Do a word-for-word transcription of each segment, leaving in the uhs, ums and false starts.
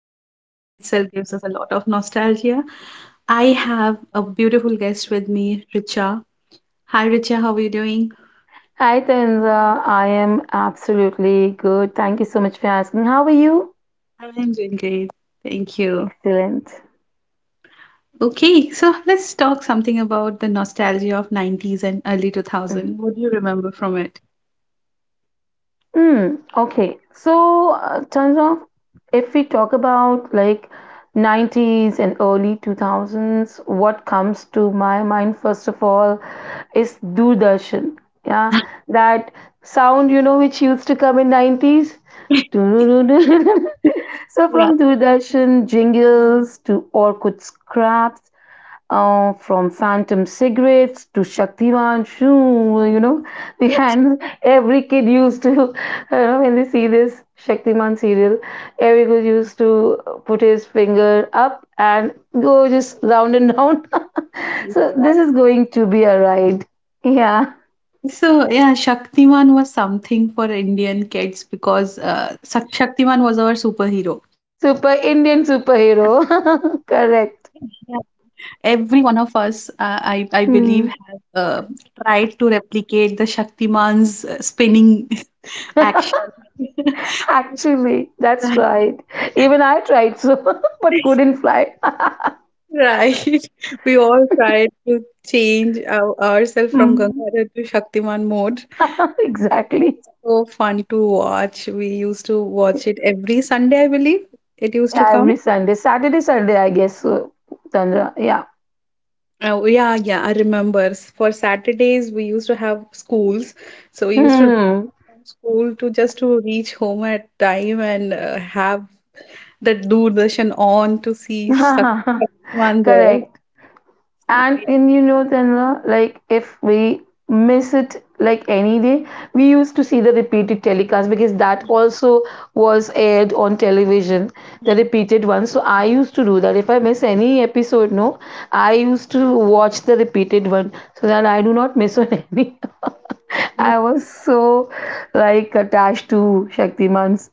See, the name itself gives us a lot of nostalgia. I have a beautiful guest with me, Richa. Hi, Richa, how are you doing? Hi, Tanza. I am absolutely good. Thank you so much for asking. How are you? I'm doing great. Thank you. Excellent. Okay, so let's talk something about the nostalgia of nineties and early Mm-hmm. two thousand. What do you remember from it? Mm, okay. So, uh, Chandra, if we talk about like nineties and early two thousands, what comes to my mind first of all is Doordarshan. Yeah, that sound, you know, which used to come in nineties. So Yeah, from Doordarshan jingles to Orkut scraps uh, from Phantom cigarettes to Shaktiman, shoo, you know, and every kid used to, you know, when they see this Shaktiman serial, every kid used to put his finger up and go just round and round. yeah, so this is going to be a ride. Yeah, so yeah, Shaktiman was something for Indian kids because uh, Shak- Shaktiman was our superhero. super Indian superhero. Yeah, Correct. every one of us, uh, I I believe, Hmm. have uh, tried to replicate the Shaktiman's uh, spinning action. Actually, that's right. Even I tried so, but Yeah. couldn't fly. Right. We all try to change our, ourselves from Hmm. Gangadhar to Shaktiman mode. It was exactly. so fun to watch. We used to watch it every Sunday, I believe. It used to Yeah, come. every Sunday. Saturday, Sunday, I guess, so, Chandra. Yeah. Oh, yeah, yeah, I remember. S- For Saturdays, we used to have schools. So we used to Hmm. run from school to just to reach home at time and uh, have the Doordarshan on to see Shaktiman there. Correct. So, And in you know, Chandra, like if we miss it like any day, we used to see the repeated telecast because that also was aired on television, the repeated one. So I used to do that. If I miss any episode, no, I used to watch the repeated one so that I do not miss on any. I yeah. was so like attached to Shaktiman's.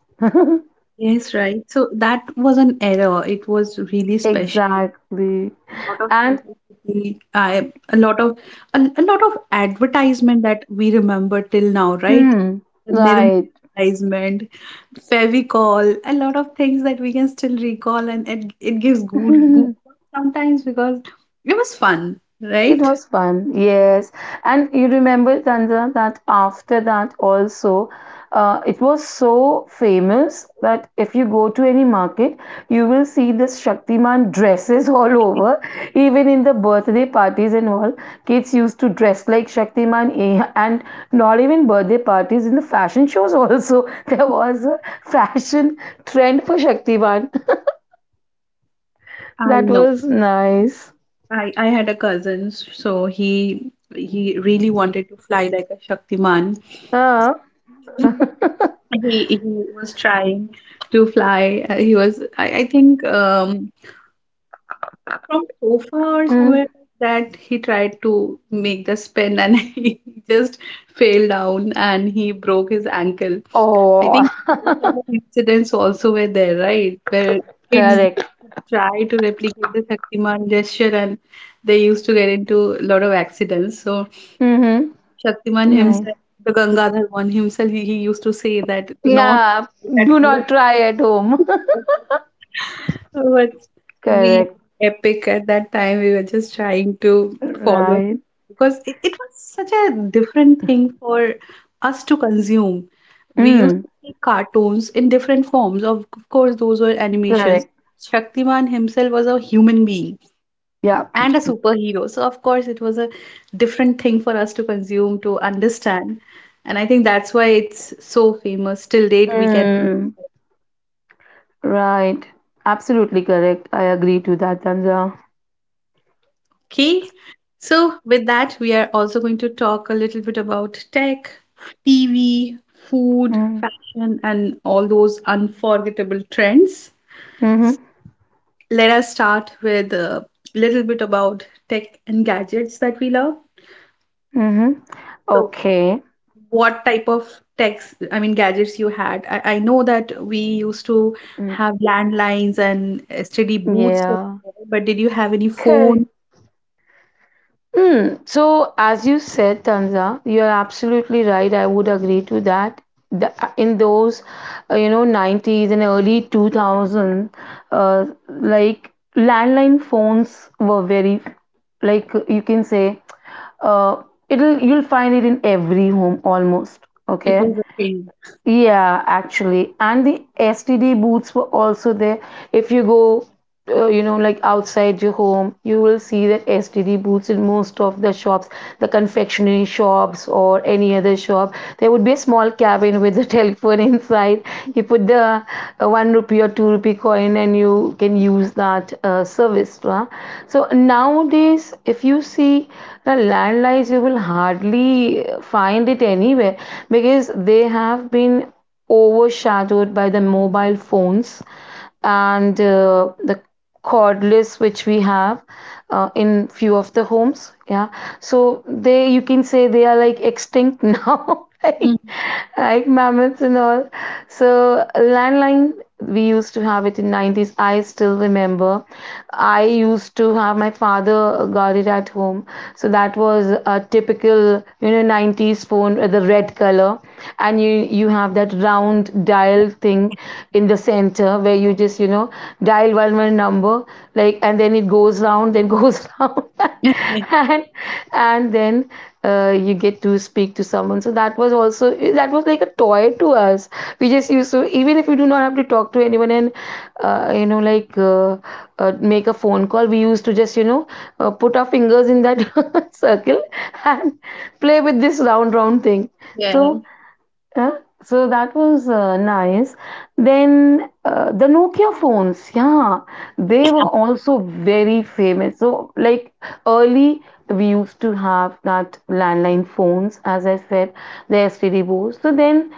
Yes, right. So that was an error. It was really special. Exactly. A lot of And simplicity. I a lot of A, a lot of advertisement that we remember till now, right? hmm, The Nirma right. advertisement, Fevicol, a lot of things that we can still recall, and it it gives good good sometimes because it was fun, It right? was fun, yes. And you remember, Tanja, that after that also, uh, it was so famous that if you go to any market, you will see this Shaktiman dresses all over, even in the birthday parties and all. Kids used to dress like Shaktiman, eh, and not even birthday parties, in the fashion shows also. There was a fashion trend for Shaktiman. I That know. was nice. I I had a cousin, so he he really wanted to fly like a Shaktiman. Uh, He he was trying to fly. Uh, he was, I, I think, um, From sofa or mm. somewhere like that he tried to make the spin, and he just fell down and he broke his ankle. I Oh, think those kind of incidents also were there, right? Where kids correct. try to replicate the Shaktiman gesture and they used to get into a lot of accidents. So Mm-hmm. Shaktiman Right. himself, the Gangadhar one himself, he, he used to say that do not Yeah, at do home. not try at home. So But we correct. Epic at that time. We were just trying to follow Right. because it, it was such a different thing for us to consume. We used Mm. to see cartoons in different forms. Of, of course, those were animations. Correct. Shaktiman himself was a human being Yeah. and a superhero. So, of course, it was a different thing for us to consume, to understand. And I think that's why it's so famous. Till date, we can. Mm. Right. Absolutely correct. I agree to that, Tanja. Okay, so with that, we are also going to talk a little bit about tech, T V, food, Mm. fashion, and all those unforgettable trends. Mm-hmm. Let us start with a little bit about tech and gadgets that we love. Mm-hmm. So, Okay. what type of techs, I mean, gadgets you had? I, I know that we used to Mm. have landlines and S T D booths, Yeah. but did you have any Correct. phone? Hmm. So, as you said, Tanza, you're absolutely right. I would agree to that. The, uh, in those, uh, you know, nineties and early two thousand, uh, like landline phones were very, like you can say, uh, it'll you'll find it in every home almost. It Okay. was a thing. Yeah, actually, and the S T D booths were also there. If you go uh, you know like outside your home, you will see that std booths in most of the shops, the confectionery shops or any other shop. There would be a small cabin with a telephone inside. You put the uh, one rupee or two rupee coin, and you can use that uh, service, huh? So nowadays, if you see the landlines, you will hardly uh, find it anywhere because they have been overshadowed by the mobile phones and uh, the cordless which we have uh, in few of the homes, yeah. So they, you can say, they are like extinct now, like, Mhm. like mammoths and all. So landline, we used to have it in nineties. I still remember, I used to have my father got it at home. So that was a typical you know nineties phone with the red color. And you you have that round dial thing in the center where you just you know dial one one number, like, and then it goes round, then goes round, and and then uh, you get to speak to someone. So that was also, that was like a toy to us. We just used to, even if we do not have to talk to anyone and uh, you know like uh, uh, make a phone call, we used to just you know uh, put our fingers in that circle and play with this round round thing. Yeah. So uh, so that was uh, nice. Then uh, the Nokia phones, yeah, they were also very famous. So, like early, we used to have that landline phones, as I said, the S T D boards. So then,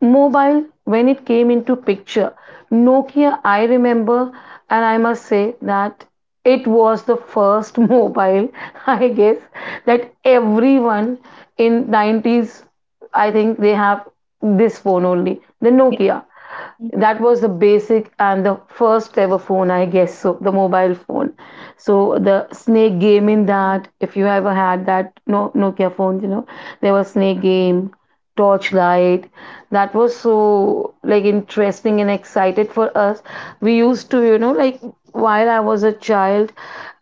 mobile, when it came into picture, Nokia, I remember, and I must say that it was the first mobile, I guess, that everyone in nineties, I think they have this phone only, the Nokia. That was the basic and the first ever phone, I guess. So the mobile phone. So the snake game in that, if you ever had that no Nokia phone, you know, there was snake game, torchlight. That was so like interesting and excited for us. We used to, you know, like while I was a child,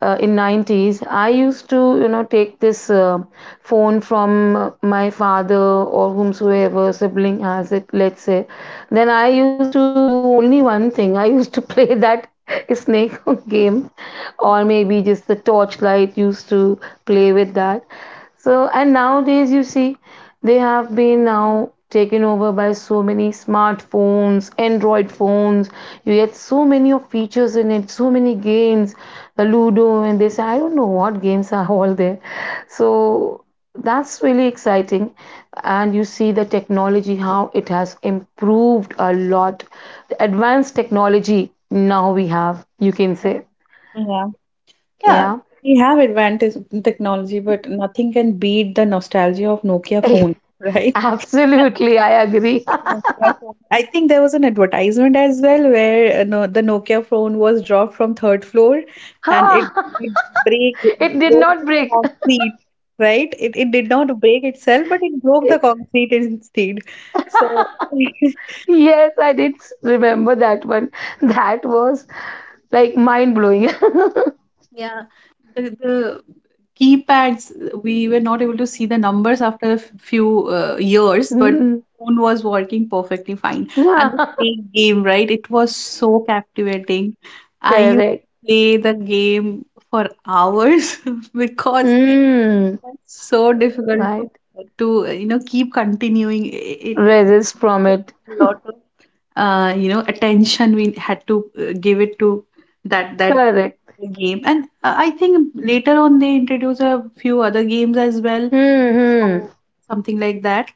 uh, in nineties, I used to you know take this uh, phone from uh, my father or whomsoever sibling has it, let's say. Then I used to do only one thing: I used to play that snake game, or maybe just the torchlight, used to play with that. So, and nowadays you see, they have been now taken over by so many smartphones, Android phones. You get so many of features in it, so many games, the Ludo, and they say I don't know what games are all there. So that's really exciting. And you see the technology, how it has improved a lot. The advanced technology now we have, you can say. Yeah. Yeah. Yeah. We have advantage in technology, but nothing can beat the nostalgia of Nokia phone, right? Yeah. Absolutely, I agree. Nokia phone. I think there was an advertisement as well where uh, no, the Nokia phone was dropped from third floor and it, it break it It did broke not the break. concrete, right? It it did not break itself, but it broke the concrete instead. So Yes, I did s- remember that one. That was like mind blowing. yeah, the the keypads, we were not able to see the numbers after a f- few uh, years, but the Mm. phone was working perfectly fine. And the snake game, right? It was so captivating. I used Correct. to play the game for hours because it Mm. was so difficult Right. to to uh, you know keep continuing. It, it Resist from took it. a lot of uh, you know attention we had to uh, give it to that that Correct. the game, and uh, I think later on they introduce a few other games as well Hmm, hmm. or something like that,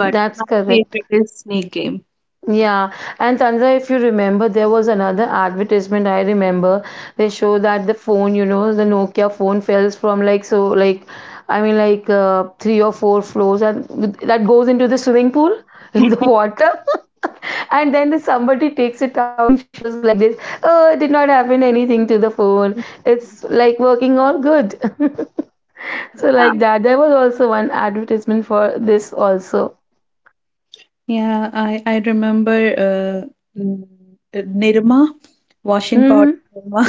but my correct. favorite is snake game. Yeah, and Chandra, if you remember, there was another advertisement I remember. They show that the phone, you know, the Nokia phone falls from, like, so, like, I mean, like uh, three or four floors, and that goes into the swimming pool in the water, and then somebody takes it out and shows like this. Oh, it did not happen anything to the phone. It's like working all good. So, like Yeah. that, there was also one advertisement for this also. Yeah, I I remember uh, n- uh, Nirma, washing powder Mm-hmm. Nirma.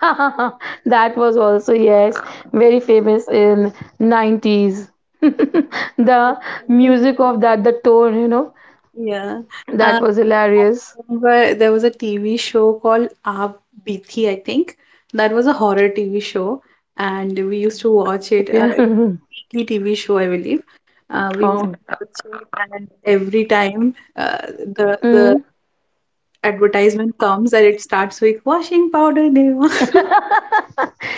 That was also, yes, very famous in nineties. The music of that, the tone, you know, yeah. that uh, was I hilarious. remember there was a T V show called Aap Bithi, I think. That was a horror T V show, and we used to watch it. Uh, Okay. Weekly T V show, I believe. Uh, we used Oh. to watch it, and every time uh, the the Mm. advertisement comes and it starts with washing powder day one.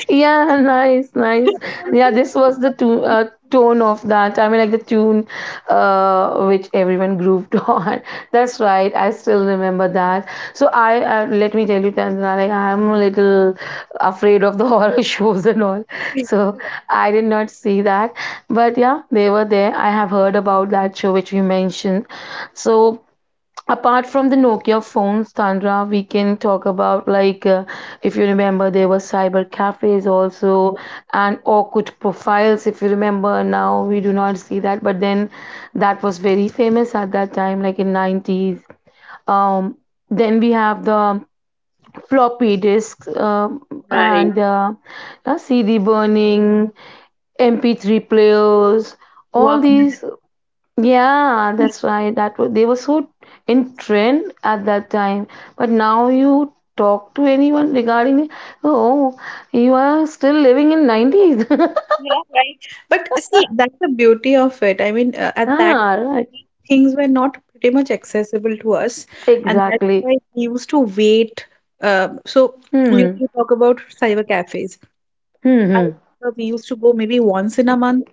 Yeah, nice, nice. Yeah, this was the to uh, tone of that. I mean, like the tune uh, which everyone grooved on. That's right. I still remember that. So I uh, let me tell you, Tanzana, like I'm a little afraid of the horror shows and all. So I did not see that. But yeah, they were there. I have heard about that show which you mentioned. So apart from the nokia phones, tanra, we can talk about, like, uh, if you remember, there were cyber cafes also, and orkut profiles, if you remember. Now we do not see that, but then that was very famous at that time, like in nineties. um then we have the floppy disks, um Right. and uh, uh, cd burning, M P three players, all Walkman. these. Yeah, that's right. That was, they were so in trend at that time. But now you talk to anyone regarding it, oh, you are still living in nineties. Yeah, right. But see, that's the beauty of it. I mean, uh, at that Ah, right. these things were not pretty much accessible to us, and that's Exactly. why we used to wait. Um, so we, Hmm. we talk about cyber cafes. I Hmm. remember we used to go maybe once in a month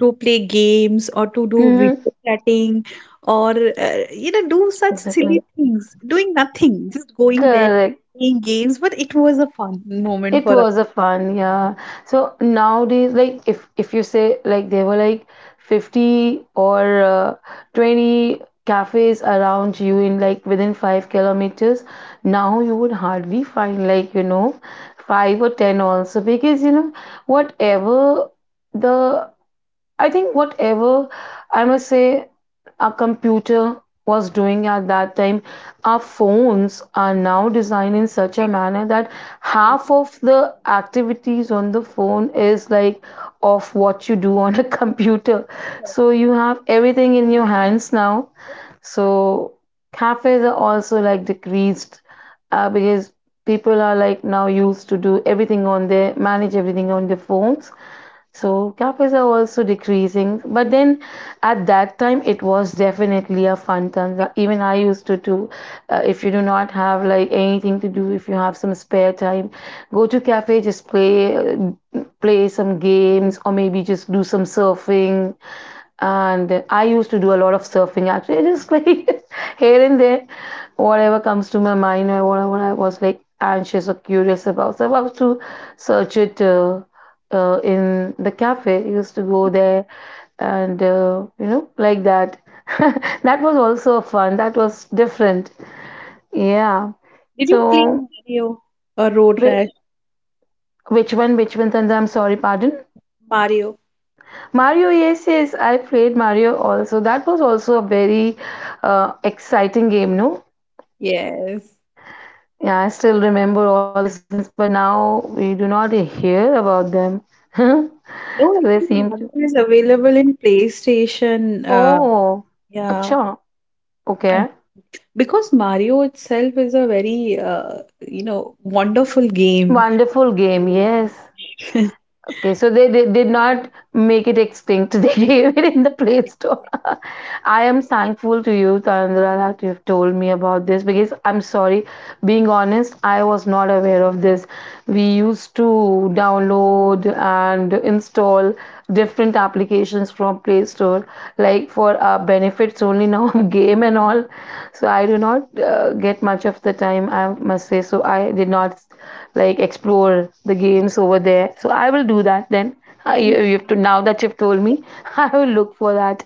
to play games or to Hmm. do Mhm. video chatting or uh, you know do such silly Exactly. things, doing nothing, just going there Correct. playing games. But it was a fun moment It for us. was a fun, yeah. So nowadays, like if if you say like there were like fifty or uh, twenty cafes around you in like within five kilometers, now you would hardly find, like, you know, five or ten also, because you know whatever the I think whatever I must say our computer was doing at that time, our phones are now designed in such a manner that half of the activities on the phone is like of what you do on a computer. So you have everything in your hands now. So cafes are also like decreased uh, because people are like now used to do everything on their, manage everything on their phones. So cafes are also decreasing, but then at that time it was definitely a fun time. Even I used to do. Uh, if you do not have like anything to do, if you have some spare time, go to cafe, just play, uh, play some games, or maybe just do some surfing. And I used to do a lot of surfing actually, just like here and there, whatever comes to my mind or whatever I was, like, anxious or curious about. So I was to search it uh, uh, in the cafe. I used to go there and uh, you know like that. That was also fun. That was different. Yeah. Did you play So Mario or Road whi- Rash? which one? Which one? And I'm sorry. Pardon. Mario. Mario, yes, yes, I played Mario also. That was also a very uh, exciting game, no? Yes. Yeah, I still remember all these names, but now we do not hear about them. No, I So they think seem Mario to. is available in PlayStation. Uh, Oh, yeah, acha, I- okay. because Mario itself is a very uh, you know wonderful game. Wonderful game, yes. Okay, so they did, did not make it extinct. They gave it in the Play Store. I am thankful to you, Tarindra, that you have told me about this because I'm sorry, being honest, I was not aware of this. We used to download and install different applications from Play Store, like for our benefits only now, game and all. So I do not uh, get much of the time, I must say. So I did not like explore the games over there. So I will do that then. I, you you have to, now that you've told me, I will look for that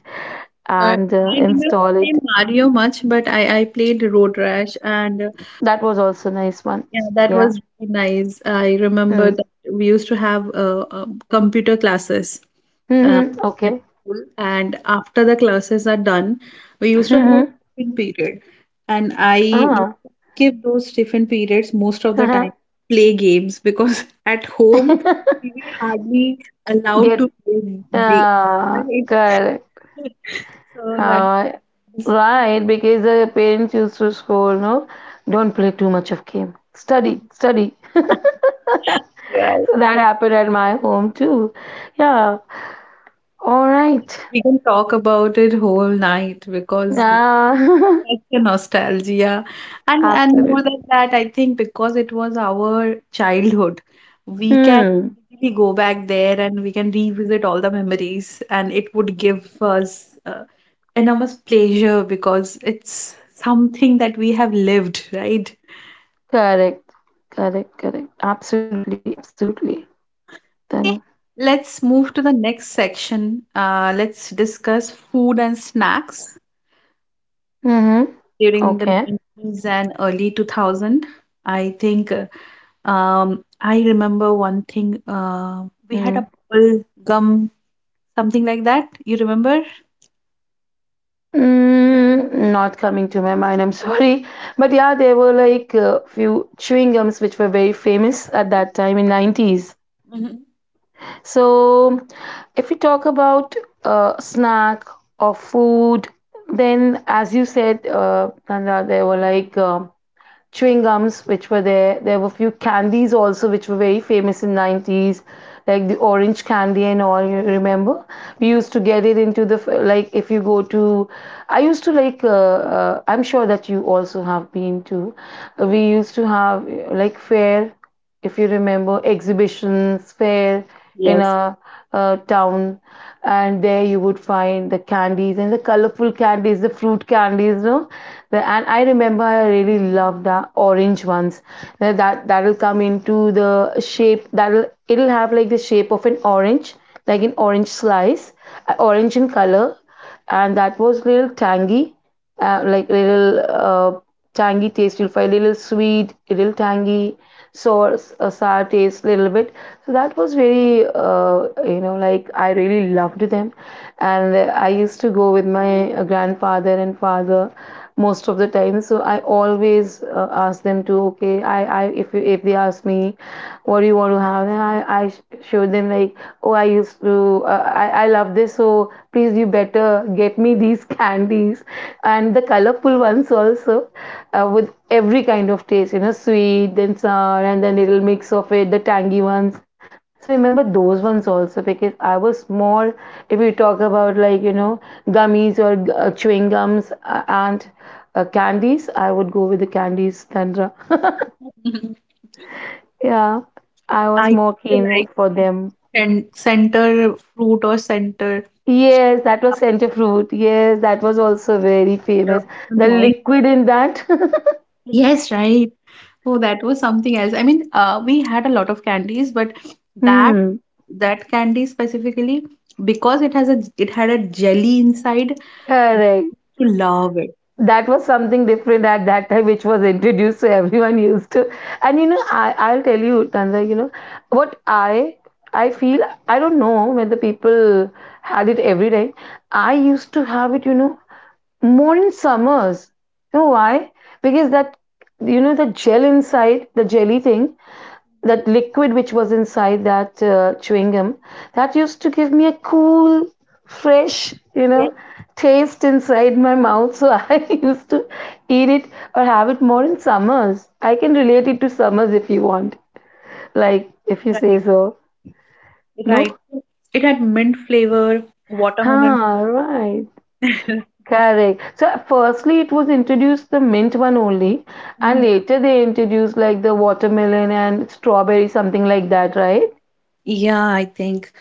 Uh, and uh, I did not install play it. Mario much, but I, I played Road Rash, and uh, That was also nice one. yeah, that Yeah. was really nice. I remember Mm. that we used to have uh, uh, computer classes uh, Mm-hmm. at Okay. school, and after the classes are done, we used to have a Mm-hmm. tiffin period, and I Ah. skip those tiffin periods most of the time, play games because at home Uh-huh. we were hardly allowed Get to play games, uh right? Correct. So that Uh, was, right, because the parents used to scold, no, don't play too much of game. Study, study. So that yeah. happened at my home too. Yeah. All right. We can talk about it whole night because Uh, such a nostalgia. And and absolutely. more than that, I think because it was our childhood, we can Hmm. really go back there and we can revisit all the memories, and it would give us uh, enormous pleasure because it's something that we have lived, right? Correct. Correct. Correct. Absolutely. Absolutely. Okay, Then, let's move to the next section. Uh, let's discuss food and snacks mhm. during the Okay. nineties and early two thousand. I think uh, um, i remember one thing, uh, we had Mm. a bubble gum something like that, you remember? Mm, not coming to my mind, I'm sorry. But yeah, there were like a few chewing gums which were very famous at that time in nineties. Mhm. So, if we talk about uh, snack or food, then as you said, uh, Nanda, there were like uh, chewing gums which were there. There were a few candies also which were very famous in nineties, like the orange candy and all, you remember, we used to get it into the, like, if you go to, I used to like uh, uh, I'm sure that you also have been to, we used to have uh, like fair, if you remember, exhibitions, fair in Yes. a, uh town, and there you would find the candies and the colorful candies, the fruit candies, no? The, and I remember I really loved the orange ones. Now That that'll come into the shape, that'll it'll have like the shape of an orange, like an orange slice, uh, orange in color, and that was little tangy, uh, like little uh, tangy taste, you'll find little sweet, little tangy sour, uh, sour taste, little bit. So that was very uh, you know, like I really loved them, and I used to go with my uh, grandfather and father most of the time. So I always uh, ask them to, okay, i i if you, if they ask me, what do you want to have, and i i sh- show them like, oh, I used to uh, i i love this, so please you better get me these candies and the colorful ones also, uh, with every kind of taste, you know, sweet, then sour, and then little mix of it, the tangy ones. So I remember those ones also because I was small. If you talk about like, you know, gummies or uh, chewing gums uh, and uh, candies, I would go with the candies, Tantra. Mhm. Yeah, I I was more used to keen like for them. and center fruit or center Yes, that was center something like fruit. Yes, that was also very that. famous. The Nice. liquid in that. Yes, right. Oh, that was something else. I mean, uh, we had a lot of candies, but that Hmm. that candy specifically, because it has a it had a jelly inside, I Correct. to love it. That was something different at that time which was introduced, so everyone used to. And you know, I, I'll tell you, Tanza, you know what i I feel, I don't know whether people had it every day. I used to have it, you know, more in summers. You know why? Because that, you know, the gel inside the jelly thing, that liquid which was inside that uh, chewing gum, that used to give me a cool fresh, you know, Yes, taste inside my mouth. So I used to eat it or have it more in summers. I can relate it to summers, if you want, like, if you say right. so. Right. No. It had mint flavor. Watermelon. Ah, right. Fruit. Correct, so firstly it was introduced the mint one only, and Mhm. later they introduced like the watermelon and strawberry, something like that, right? Yeah, I think.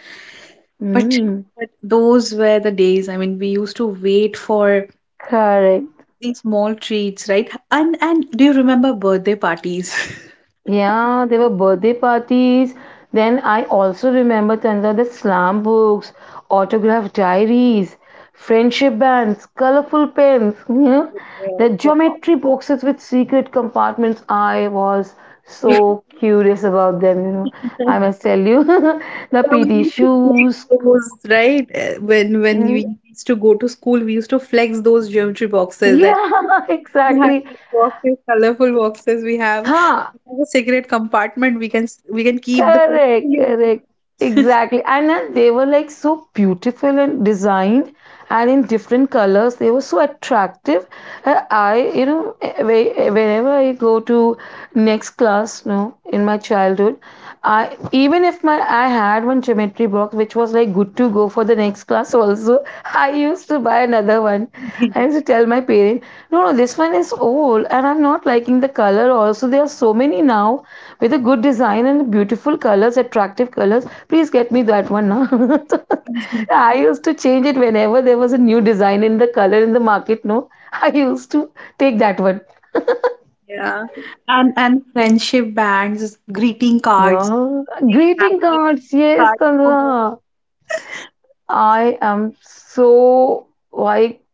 But Mm, but those were the days. I mean, we used to wait for correct. these small treats, right? And and do you remember birthday parties? Yeah, there were birthday parties. Then I also remember, Chandra, the slam books, autograph diaries, friendship bands, colorful pens, you know, the Yes, wow. geometry boxes with secret compartments. I was so curious about them, you know. I must tell you, the Yeah, we P T used to flex shoes. those, right? Uh, When when we Hmm. used to go to school, we used to flex those geometry boxes that Yeah, we have. exactly. These boxes, colorful boxes, we have Huh. in a cigarette compartment. We can s- we can keep the Correct, portfolio. correct. Exactly. And then they were like so beautiful and designed, and in different colors. They were so attractive. Uh, I, you know, eh, whe- whenever I go to next class, no, in my childhood, I, even if my, I had one geometry box which was like good to go for the next class also, I used to buy another one. I used to tell my parent, no, no, this one is old and I'm not liking the color also. There are so many now with a good design and beautiful colors, attractive colors. Please get me that one now. I used to change it whenever there was a new design in the color in the market. No, I used to take that one. Yeah, and and friendship bands, greeting cards, Yeah, like greeting handmade cards. greeting Yes, cards. Tanra. I am so, like,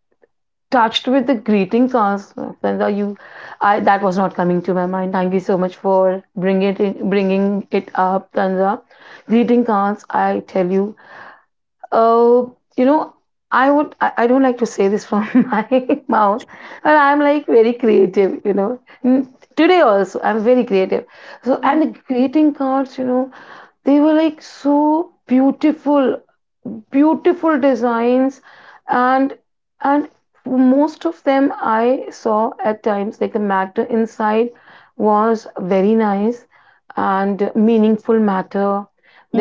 touched with the greeting cards. Tanra, you, I, that was not coming to my mind. Thank you so much for bringing it in, bringing it up, Tanra. Greeting cards. I tell you, oh, you know, I would I, I don't like to say this from my mouth, but I'm like very creative, you know. N- Today also, I'm very creative. So, and the greeting cards, you know, they were like so beautiful, beautiful designs, and and most of them I saw at times, like the matter inside was very nice and meaningful matter,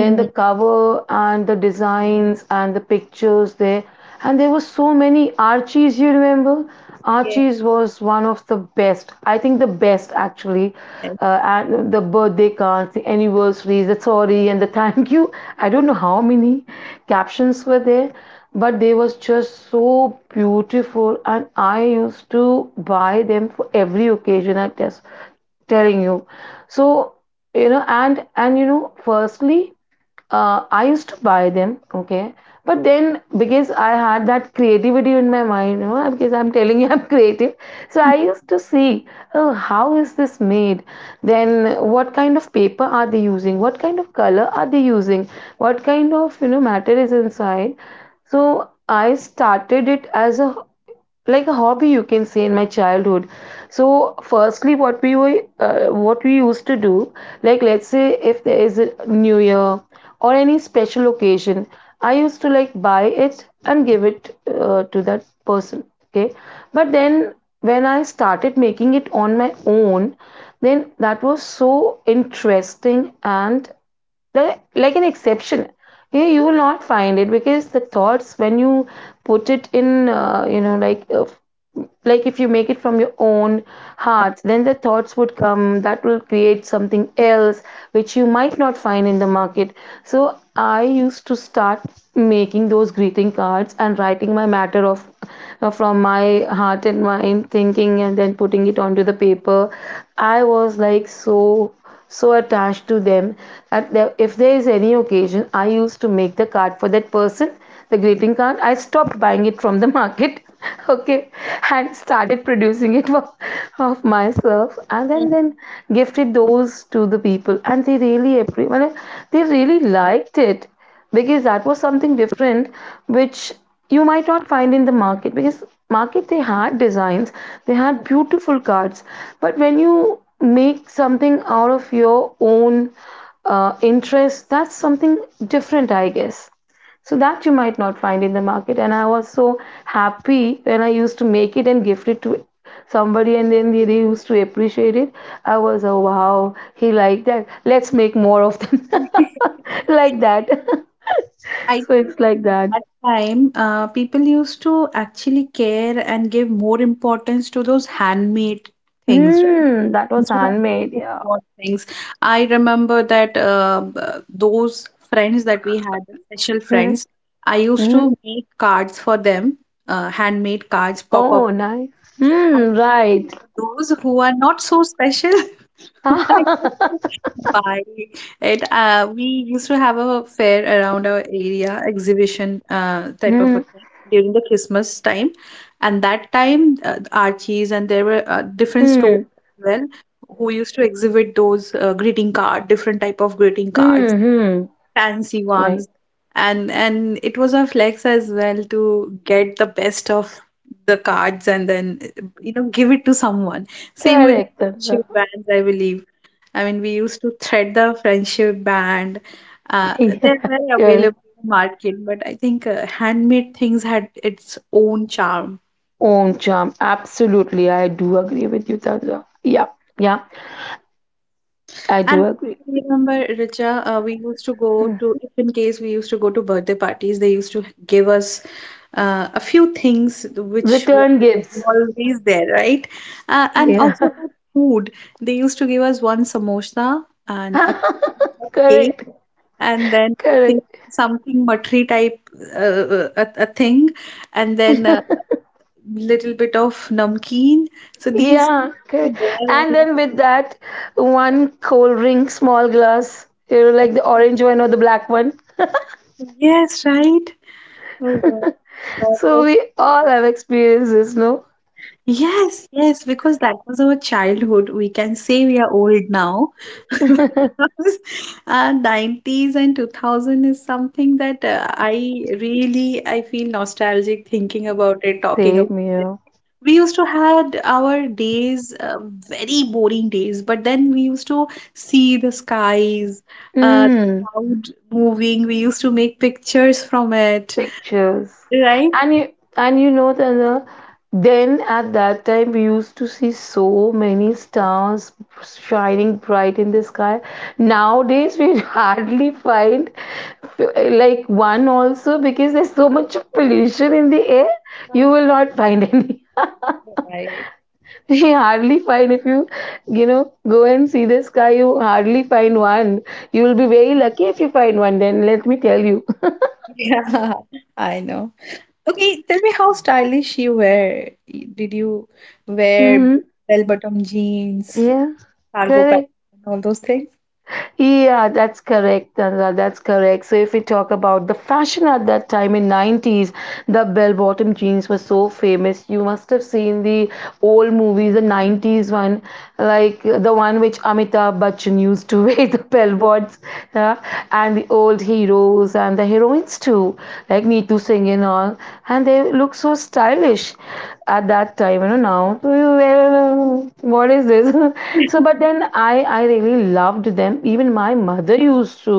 then the cover and the designs and the pictures there, and there were so many archies, you remember, Yes. archies was one of the best, I think the best actually, uh, and the birthday cards, the anniversaries, the sorry and the thank you, I don't know how many captions were there, but they was just so beautiful, and I used to buy them for every occasion, I guess, telling you. So, you know, and and you know, firstly uh, I used to buy them, okay, but then because I had that creativity in my mind, you know, because I'm telling you I'm creative. So I used to see, oh, how is this made, then what kind of paper are they using, what kind of color are they using, what kind of, you know, matter is inside. So I started it as a like a hobby, you can say, in my childhood. So firstly what we were, uh, what we used to do, like, let's say if there is a new year or any special occasion, I used to like buy it and give it uh, to that person, okay, but then when I started making it on my own, then that was so interesting and like like an exception, you you will not find it, because the thoughts when you put it in, uh, you know, like uh, like if you make it from your own heart, then the thoughts would come that will create something else which you might not find in the market. So I used to start making those greeting cards and writing my matter of, uh, from my heart and mind, thinking, and then putting it onto the paper. I was like so, so attached to them, that there- if there is any occasion, I used to make the card for that person, the greeting card. I stopped buying it from the market, okay, and started producing it for, of myself, and then Mhm. then gifted those to the people, and they really appre- well, they really liked it because that was something different which you might not find in the market. Because market, they had designs, they had beautiful cards, but when you make something out of your own uh, interest, that's something different, I guess. So that you might not find in the market, and I was so happy when I used to make it and gift it to somebody, and then they they used to appreciate it. I was, oh wow, he liked that, let's make more of them like that. I So think it's like at that. that time, uh, people used to actually care and give more importance to those handmade things, right? Hmm, that was Instead of handmade. Yeah. store-bought things. I remember that uh, uh, those friends that we had, the special Hmm. friends, I used Hmm. to make cards for them, uh, handmade cards, pop-up Oh, nice. cards. And Hmm. then Right. for those who are not so special, Hmm. I used to buy it. Uh, we used to have a fair around our area exhibition uh, type of a thing during the Christmas time, and that time uh, Archie's and there were uh, different Hmm. stores Hmm. as well who used to exhibit those uh, greeting card, different type of greeting cards, Hmm. fancy Right. ones, and and it was a flex as well to get the best of the cards and then you know give it to someone. Same with Correct. Tanza. friendship bands, I believe. I mean, we used to thread the friendship band. uh, Yeah. they're very Correct. available in the market, but I think uh, handmade things had its own charm. Own charm. Absolutely. I do agree with you, Tanza. Yeah. Yeah. I do And I agree. remember, Richa, uh, we used to go to, if in case we used to go to birthday parties, they used to give us uh, a few things which Return were gifts. always there, right? Uh, and Yeah. also about food, they used to give us one samosa and a piece of cake, Correct. and then I think Correct. something matri type, uh, a, a thing, and then a little bit of namkeen. So these Yeah, were okay. there. And And I then with that one cold drink, small glass, you know, was like the orange one or the black one. thinking, yes, right. Oh, God. That So was. we all have experiences, no? Yes, yes, because that was our childhood. We can say we are old now. Because uh, nineties and two thousand is something that uh, I really I feel nostalgic thinking about it, talking about Same it. here. We used to had our days, uh, very boring days, but then we used to see the skies, uh, Mm. cloud moving. We used to make pictures from it, Pictures, right? and you, and you know, Tanya, then at that time we used to see so many stars shining bright in the sky. Nowadays, we hardly find like one also because there's so much of pollution in the air. You will not find any. Right. You hardly find, if you, you know, go and see the sky, you hardly find one. You will be very lucky if you find one, then let me tell you. Yeah, I know. Okay, tell me how stylish you were. Did you wear Hmm. bell-bottom jeans, Yeah, cargo pants, correct. and all those things? Yeah, that's correct, Tanra. That's correct. So if we talk about the fashion at that time in nineties, the bell-bottom jeans were so famous. You must have seen the old movies, the nineties one, like the one which Amitabh Bachchan used to wear the Yeah. bell-bots, yeah, and the old heroes and the heroines too, like Neetu Singh and all, and they look so stylish. English at that time. You know now, well, what is this? So, but then I I really loved them. Even my mother used to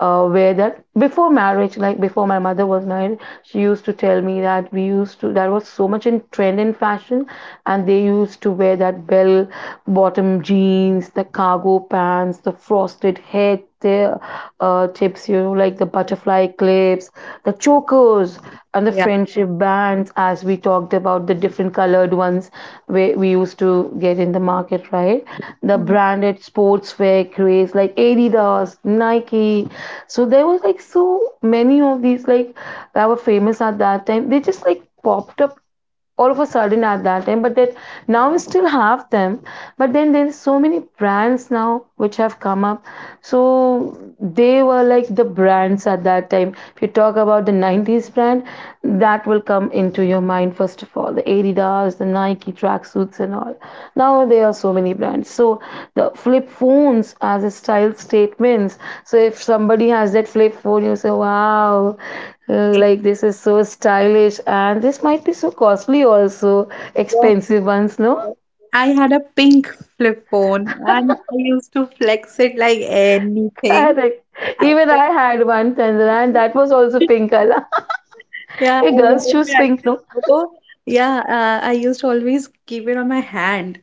uh, wear that before marriage. Like before my mother was married, she used to tell me that we used to, that was so much in trend in fashion, and they used to wear that bell bottom jeans, the cargo pants, the frosted chocolate head, the, uh, tips, you know, like the butterfly clips, the chokers, and the Yeah. friendship bands, as we talked about the different colored ones we, we used to get in the market, right? The Yeah. branded sportswear craze like Adidas, Nike. So there was like so many of these, like, that were famous at that time. They just like popped up all of a sudden at that time, but that now we still have them, but then there's so many brands now which have come up. So they were like the brands at that time. If you talk about the nineties brand that will come into your mind, first of all the Adidas, the Nike tracksuits and all. Now there are so many brands. So the flip phones as a style statements, so if somebody has that flip phone you say wow, uh, like this is so stylish and this might be so costly also, expensive ones, no? I had a pink flip phone and I used to flex it like anything. Correct. I, Even went- I had one, Tender, and that was also pink color. yeah, I, A girl's choose Whenever I pink, used no? to go, yeah, uh, I used to always keep it on my hand.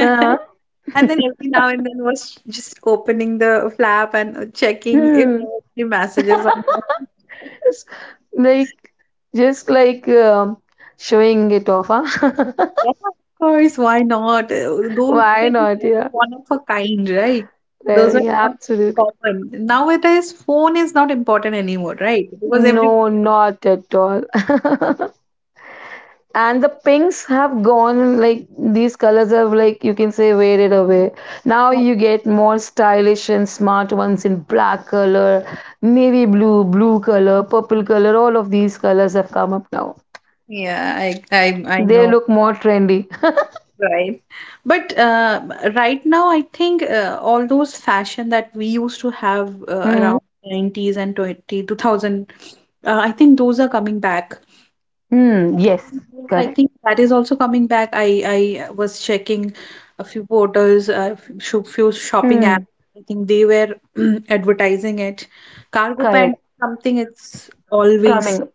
uh, And then every now and then was just opening the flap and checking if hmm. there were any messages on. Not. It's like, just like, um, showing it off, huh? Yeah, of course, why not? Uh, Those Why things not, are yeah, one of a kind, right? Those are very, not absolutely. common. Nowadays, phone is not important anymore, right? Because everyone No, has not at all. And the pinks have gone, like these colors have, like, you can say faded away. Now one. you get more stylish and smart ones in black color, navy blue, blue color, purple color, all of these colors have come up now. Yeah, I, I, I They know, look more trendy. right? But uh, right now, I think uh, all those fashion that we used to have uh, Hmm. around nineties and twenty two thousand, uh, I think those are coming back. Hmm. Yes. Yes, I Correct. think that is also coming back. I I was checking a few portals, a few few shopping Hmm. apps. I think they were advertising it. Cargo pant, Correct. something it's always Coming up.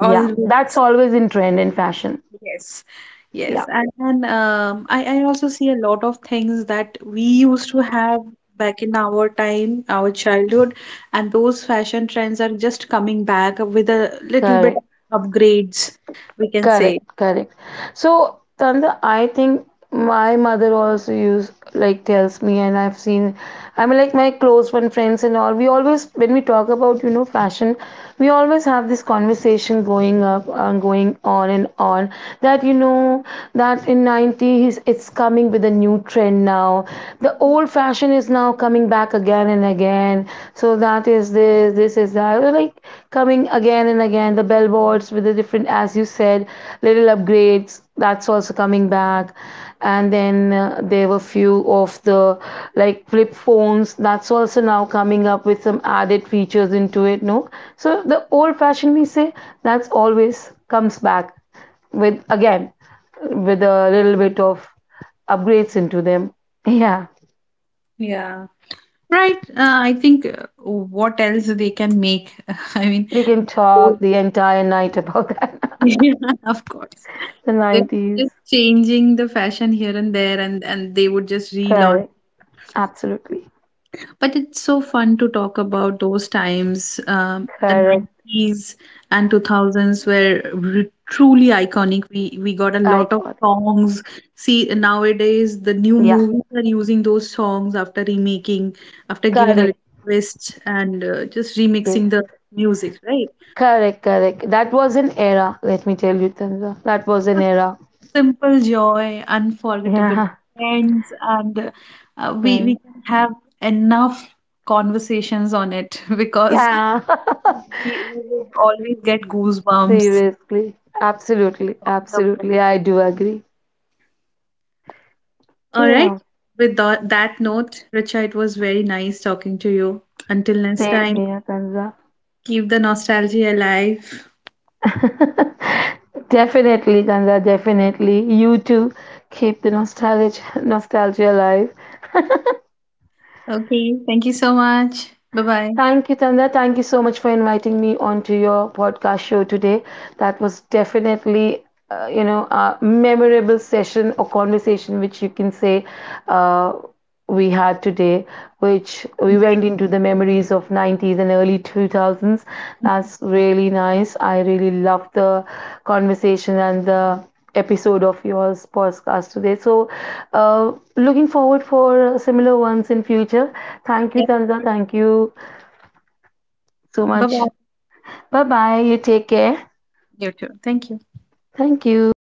Yeah. That's always in trend and fashion. Yes, yes. Yeah. And and um, I I also see a lot of things that we used to have back in our time, our childhood, and those fashion trends are just coming back with a little bit Correct. of upgrades, we can say. Correct, correct. So, Tanda, I think my mother also use like tells me, and I've seen. I mean, like my close one friends and all. We always, when we talk about, you know, fashion, we always have this conversation going up and going on and on, that you know, that in nineties it's coming with a new trend now. The old fashion is now coming back again and and again. So that is this, this is that. They're, like, coming again and again. The billboards with the different, as you said, little upgrades. That's also coming back. And then uh, there were few of the like flip phones. That's also now coming up with some added features into it. No, so the old fashioned, we say that's always comes back with again, with a little bit of upgrades into them. Yeah. Yeah. Right. Uh, I think uh, what else they can make? I mean, We can the talk old- the entire night about that. yeah, of course. The So they're just nineties. changing the fashion here and there, and and they would just relaunch. Correct. Absolutely. But it's so fun to talk about those times, um, the Correct. nineties and two thousands were re- truly iconic. We we got a lot of Iconic. songs. See, nowadays the new Yeah. movies are using those songs after remaking, after giving a Correct. little twist and uh, just remixing Yes. the music, right? Correct. Correct. That was an era, let me tell you, Tanza. That was an era. Simple joy, unforgettable Yeah. friends, and uh, we Right. we can have enough conversations on it because Yeah. We, we would always get goosebumps Seriously. Absolutely. talking about. Absolutely. I do agree. All right. Yeah. With tha- that note, Richa, it was very nice talking to you. Until next Same time, here, Tanza. keep the nostalgia alive. Definitely, Tanza. Definitely. You too. Keep the nostalgia, nostalgia alive. Okay. Thank you so much. Bye bye. Thank you, Tanda. Thank you so much for inviting me onto your podcast show today. That was definitely, uh, you know, a memorable session or conversation, which you can say uh, we had today, which we went into the memories of nineties and early two thousands. That's really nice. I really love the conversation and the episode of yours podcast today. So, uh, looking forward for similar ones in future. Thank you, Tanda. Thank you so Bye much. bye. Bye bye. You take care. You too. Thank you. Thank you.